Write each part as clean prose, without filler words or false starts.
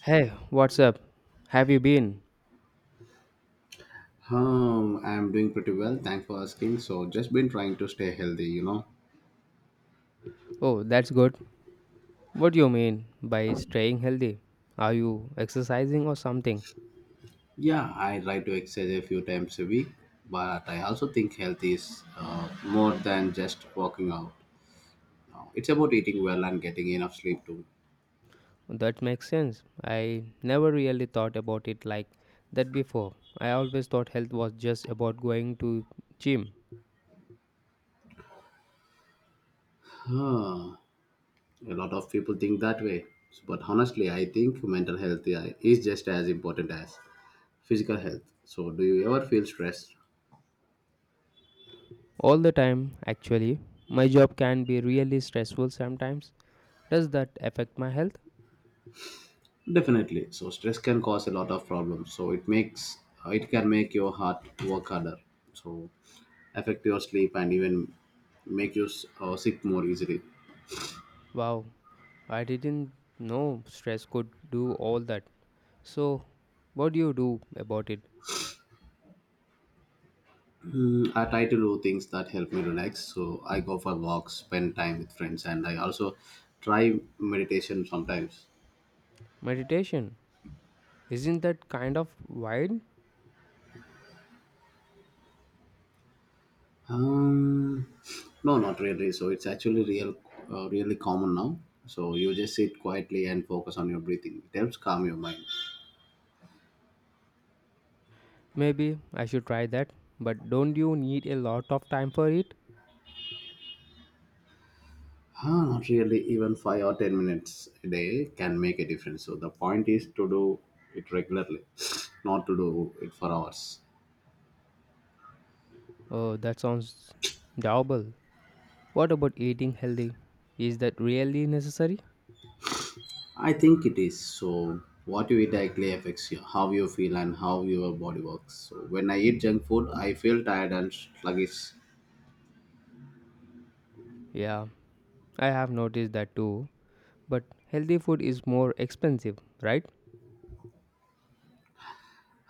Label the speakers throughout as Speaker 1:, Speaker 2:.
Speaker 1: Hey, what's up? Have you been?
Speaker 2: I'm doing pretty well. Thanks for asking. So, just been trying to stay healthy, you know.
Speaker 1: Oh, that's good. What do you mean by staying healthy? Are you exercising or something?
Speaker 2: Yeah, I try to exercise a few times a week, but I also think health is more than just working out. No, it's about eating well and getting enough sleep too.
Speaker 1: That makes sense. I never really thought about it like that before. I always thought health was just about going to gym
Speaker 2: Huh. A lot of people think that way, but honestly, I think mental health is just as important as physical health. So, do you ever feel stressed?
Speaker 1: all the time actually. My job can be really stressful sometimes. Does that affect my health?
Speaker 2: Definitely. So stress can cause a lot of problems. So it can make your heart work harder. So affect your sleep and even make you sick more easily.
Speaker 1: Wow, I didn't know stress could do all that. So, what do you do about it?
Speaker 2: Mm, I try to do things that help me relax. So I go for walks, spend time with friends, and I also try meditation sometimes.
Speaker 1: Meditation? Isn't that kind of wide?
Speaker 2: Um, no, not really. So it's actually really common now. So you just sit quietly and focus on your breathing. It helps calm your mind.
Speaker 1: Maybe I should try that. But don't you need a lot of time for it?
Speaker 2: Ah, not really. Even 5 or 10 minutes a day can make a difference. So the point is to do it regularly, not to do it for hours.
Speaker 1: Oh, that sounds doable. What about eating healthy? Is that really necessary?
Speaker 2: I think it is. So what you eat directly affects you, how you feel and how your body works. So when I eat junk food, I feel tired and sluggish.
Speaker 1: Yeah, I have noticed that too. But healthy food is more expensive, right?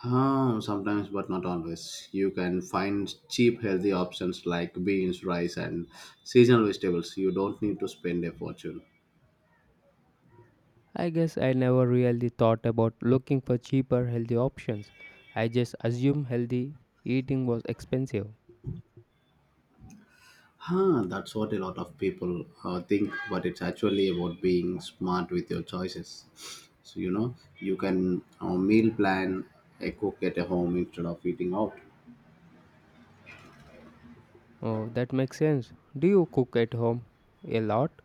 Speaker 2: Ah, sometimes, but not always. You can find cheap, healthy options like beans, rice, and seasonal vegetables. You don't need to spend a fortune.
Speaker 1: I guess I never really thought about looking for cheaper healthy options. I just assumed healthy eating was expensive.
Speaker 2: Huh, that's what a lot of people think, but it's actually about being smart with your choices. So, you know, you can meal plan a cook at a home instead of eating out.
Speaker 1: Oh, that makes sense. Do you cook at home a lot?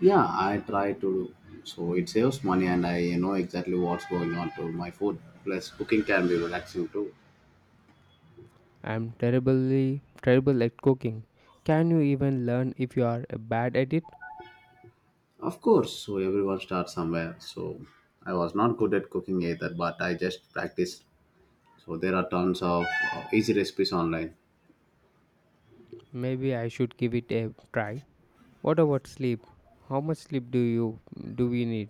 Speaker 2: Yeah, I try to. So it saves money and I know exactly what's going on to my food. Plus, cooking can be relaxing too.
Speaker 1: I'm terribly terrible at cooking. Can you even learn if you are bad at it?
Speaker 2: Of course, so everyone starts somewhere. So I was not good at cooking either, but I just practiced. So there are tons of easy recipes online.
Speaker 1: Maybe I should give it a try. What about sleep? How much sleep do we need?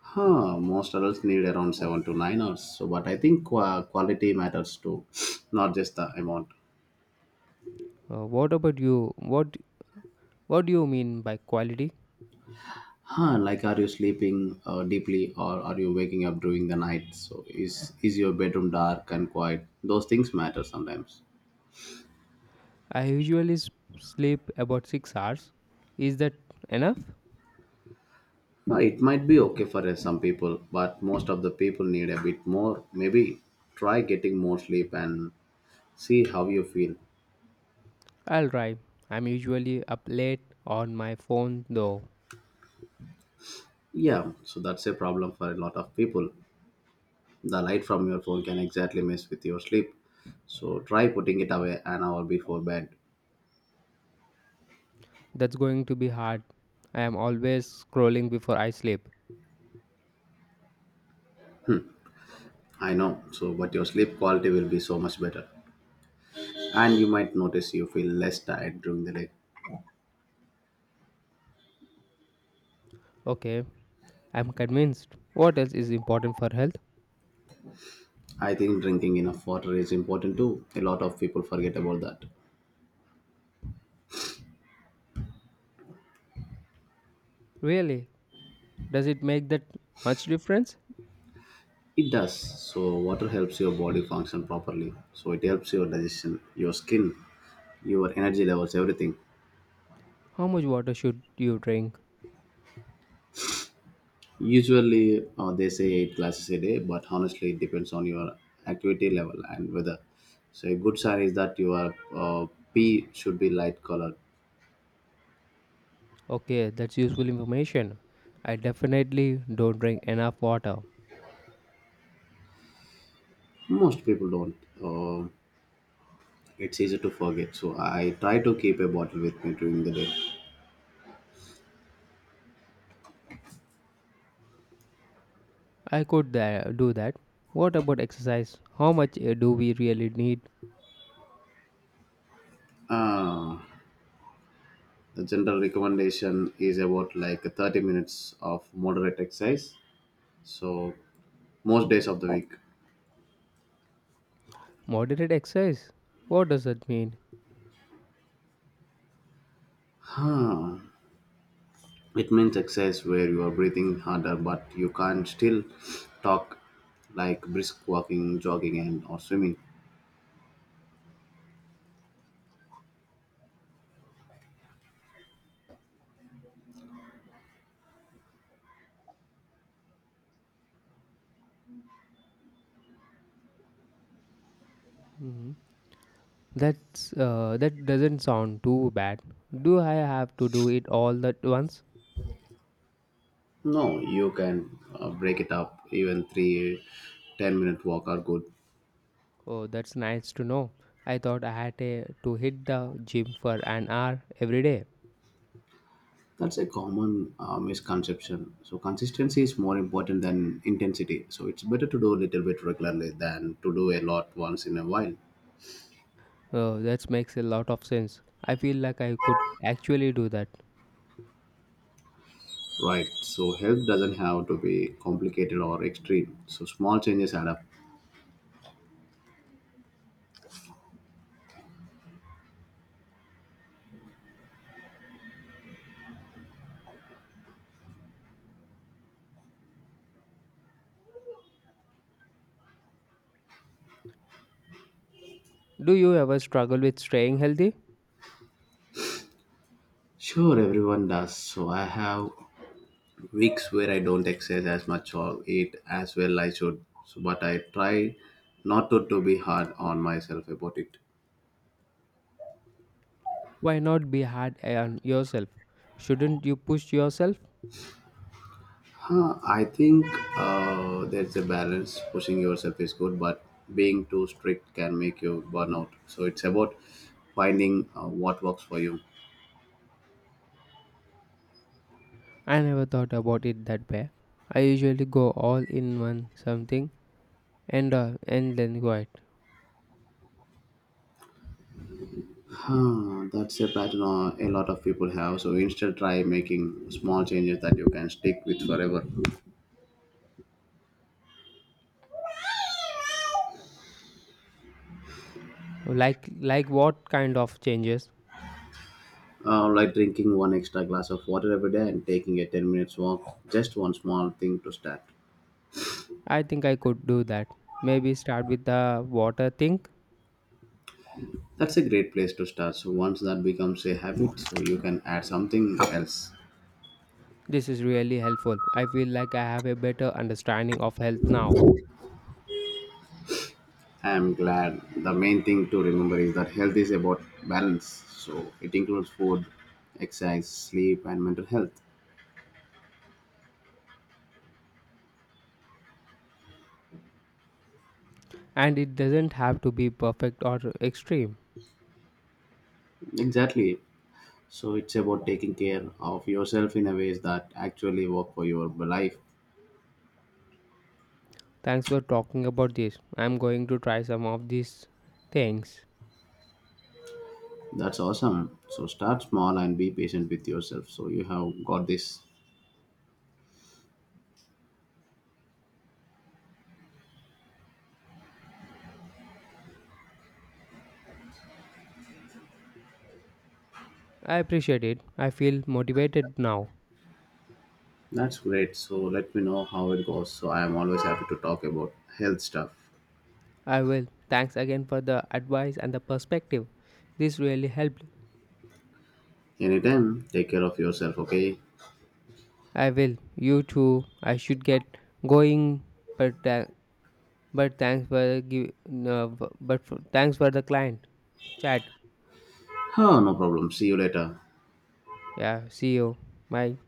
Speaker 2: Huh, most adults need around 7 to 9 hours. So, but I think quality matters too, not just the amount.
Speaker 1: What about you? What do you mean by quality?
Speaker 2: Huh, like are you sleeping deeply or are you waking up during the night? So, is your bedroom dark and quiet? Those things matter sometimes.
Speaker 1: I usually sleep about 6 hours. Is that enough?
Speaker 2: Now, it might be okay for some people, but most of the people need a bit more. Maybe try getting more sleep and see how you feel.
Speaker 1: I'll try. I'm usually up late on my phone though.
Speaker 2: Yeah, so that's a problem for a lot of people. The light from your phone can exactly mess with your sleep. So try putting it away an hour before bed.
Speaker 1: That's going to be hard. I am always scrolling before I sleep.
Speaker 2: I know, so but your sleep quality will be so much better. And you might notice you feel less tired during the day.
Speaker 1: Okay, I'm convinced. What else is important for health?
Speaker 2: I think drinking enough water is important too. A lot of people forget about that.
Speaker 1: Really? Does it make that much difference?
Speaker 2: It does. So water helps your body function properly. So it helps your digestion, your skin, your energy levels, everything.
Speaker 1: How much water should you drink?
Speaker 2: Usually, they say eight classes a day, but honestly, it depends on your activity level and weather. So, a good sign is that your P should be light colored.
Speaker 1: Okay, that's useful information. I definitely don't drink enough water.
Speaker 2: Most people don't. Uh, it's easy to forget. So, I try to keep a bottle with me during the day.
Speaker 1: I could do that. What about exercise? How much do we really need?
Speaker 2: Uh, the general recommendation is about like 30 minutes of moderate exercise. So, most days of the week.
Speaker 1: Moderate exercise? What does that mean?
Speaker 2: Huh. It means exercise where you are breathing harder, but you can not still talk like brisk walking, jogging, and or swimming.
Speaker 1: Mhm. That doesn't sound too bad. Do I have to do it all at once?
Speaker 2: No, you can break it up. Even three 10-minute walk are good.
Speaker 1: Oh, that's nice to know. I thought I had to hit the gym for an hour every day.
Speaker 2: That's a common misconception. So consistency is more important than intensity. So it's better to do a little bit regularly than to do a lot once in a while.
Speaker 1: Oh, that makes a lot of sense. I feel like I could actually do that.
Speaker 2: Right. So health doesn't have to be complicated or extreme. So small changes add up.
Speaker 1: Do you ever struggle with staying healthy?
Speaker 2: Sure, everyone does. So I have weeks where I don't exercise as much or eat as well I should. So, but I try not to, to be hard on myself about it.
Speaker 1: Why not be hard on yourself? Shouldn't you push yourself?
Speaker 2: Huh, I think there's a balance. Pushing yourself is good, but being too strict can make you burn out. So it's about finding what works for you.
Speaker 1: I never thought about it that way. I usually go all in one something and then quiet.
Speaker 2: Huh, that's a pattern a lot of people have. So instead, try making small changes that you can stick with forever.
Speaker 1: Like what kind of changes?
Speaker 2: Like drinking one extra glass of water every day and taking a 10 minutes walk, just one small thing to start.
Speaker 1: I think I could do that. Maybe start with the water thing.
Speaker 2: That's a great place to start. So once that becomes a habit, so you can add something else.
Speaker 1: This is really helpful. I feel like I have a better understanding of health now,
Speaker 2: I'm glad the main thing to remember is that health is about balance. So it includes food, exercise, sleep, and mental health.
Speaker 1: and it doesn't have to be perfect or extreme.
Speaker 2: Exactly. So it's about taking care of yourself in a ways that actually work for your life.
Speaker 1: Thanks for talking about this. I'm going to try some of these things.
Speaker 2: That's awesome. So start small and be patient with yourself. So you have got this.
Speaker 1: I appreciate it. I feel motivated now.
Speaker 2: That's great. So let me know how it goes. So I am always happy to talk about health stuff.
Speaker 1: I will. Thanks again for the advice and the perspective. This really helped.
Speaker 2: Anytime, take care of yourself, okay?
Speaker 1: I will. You too. I should get going, but uh, but thanks for the client chat.
Speaker 2: Huh, no problem. See you later.
Speaker 1: Yeah, see you. Bye.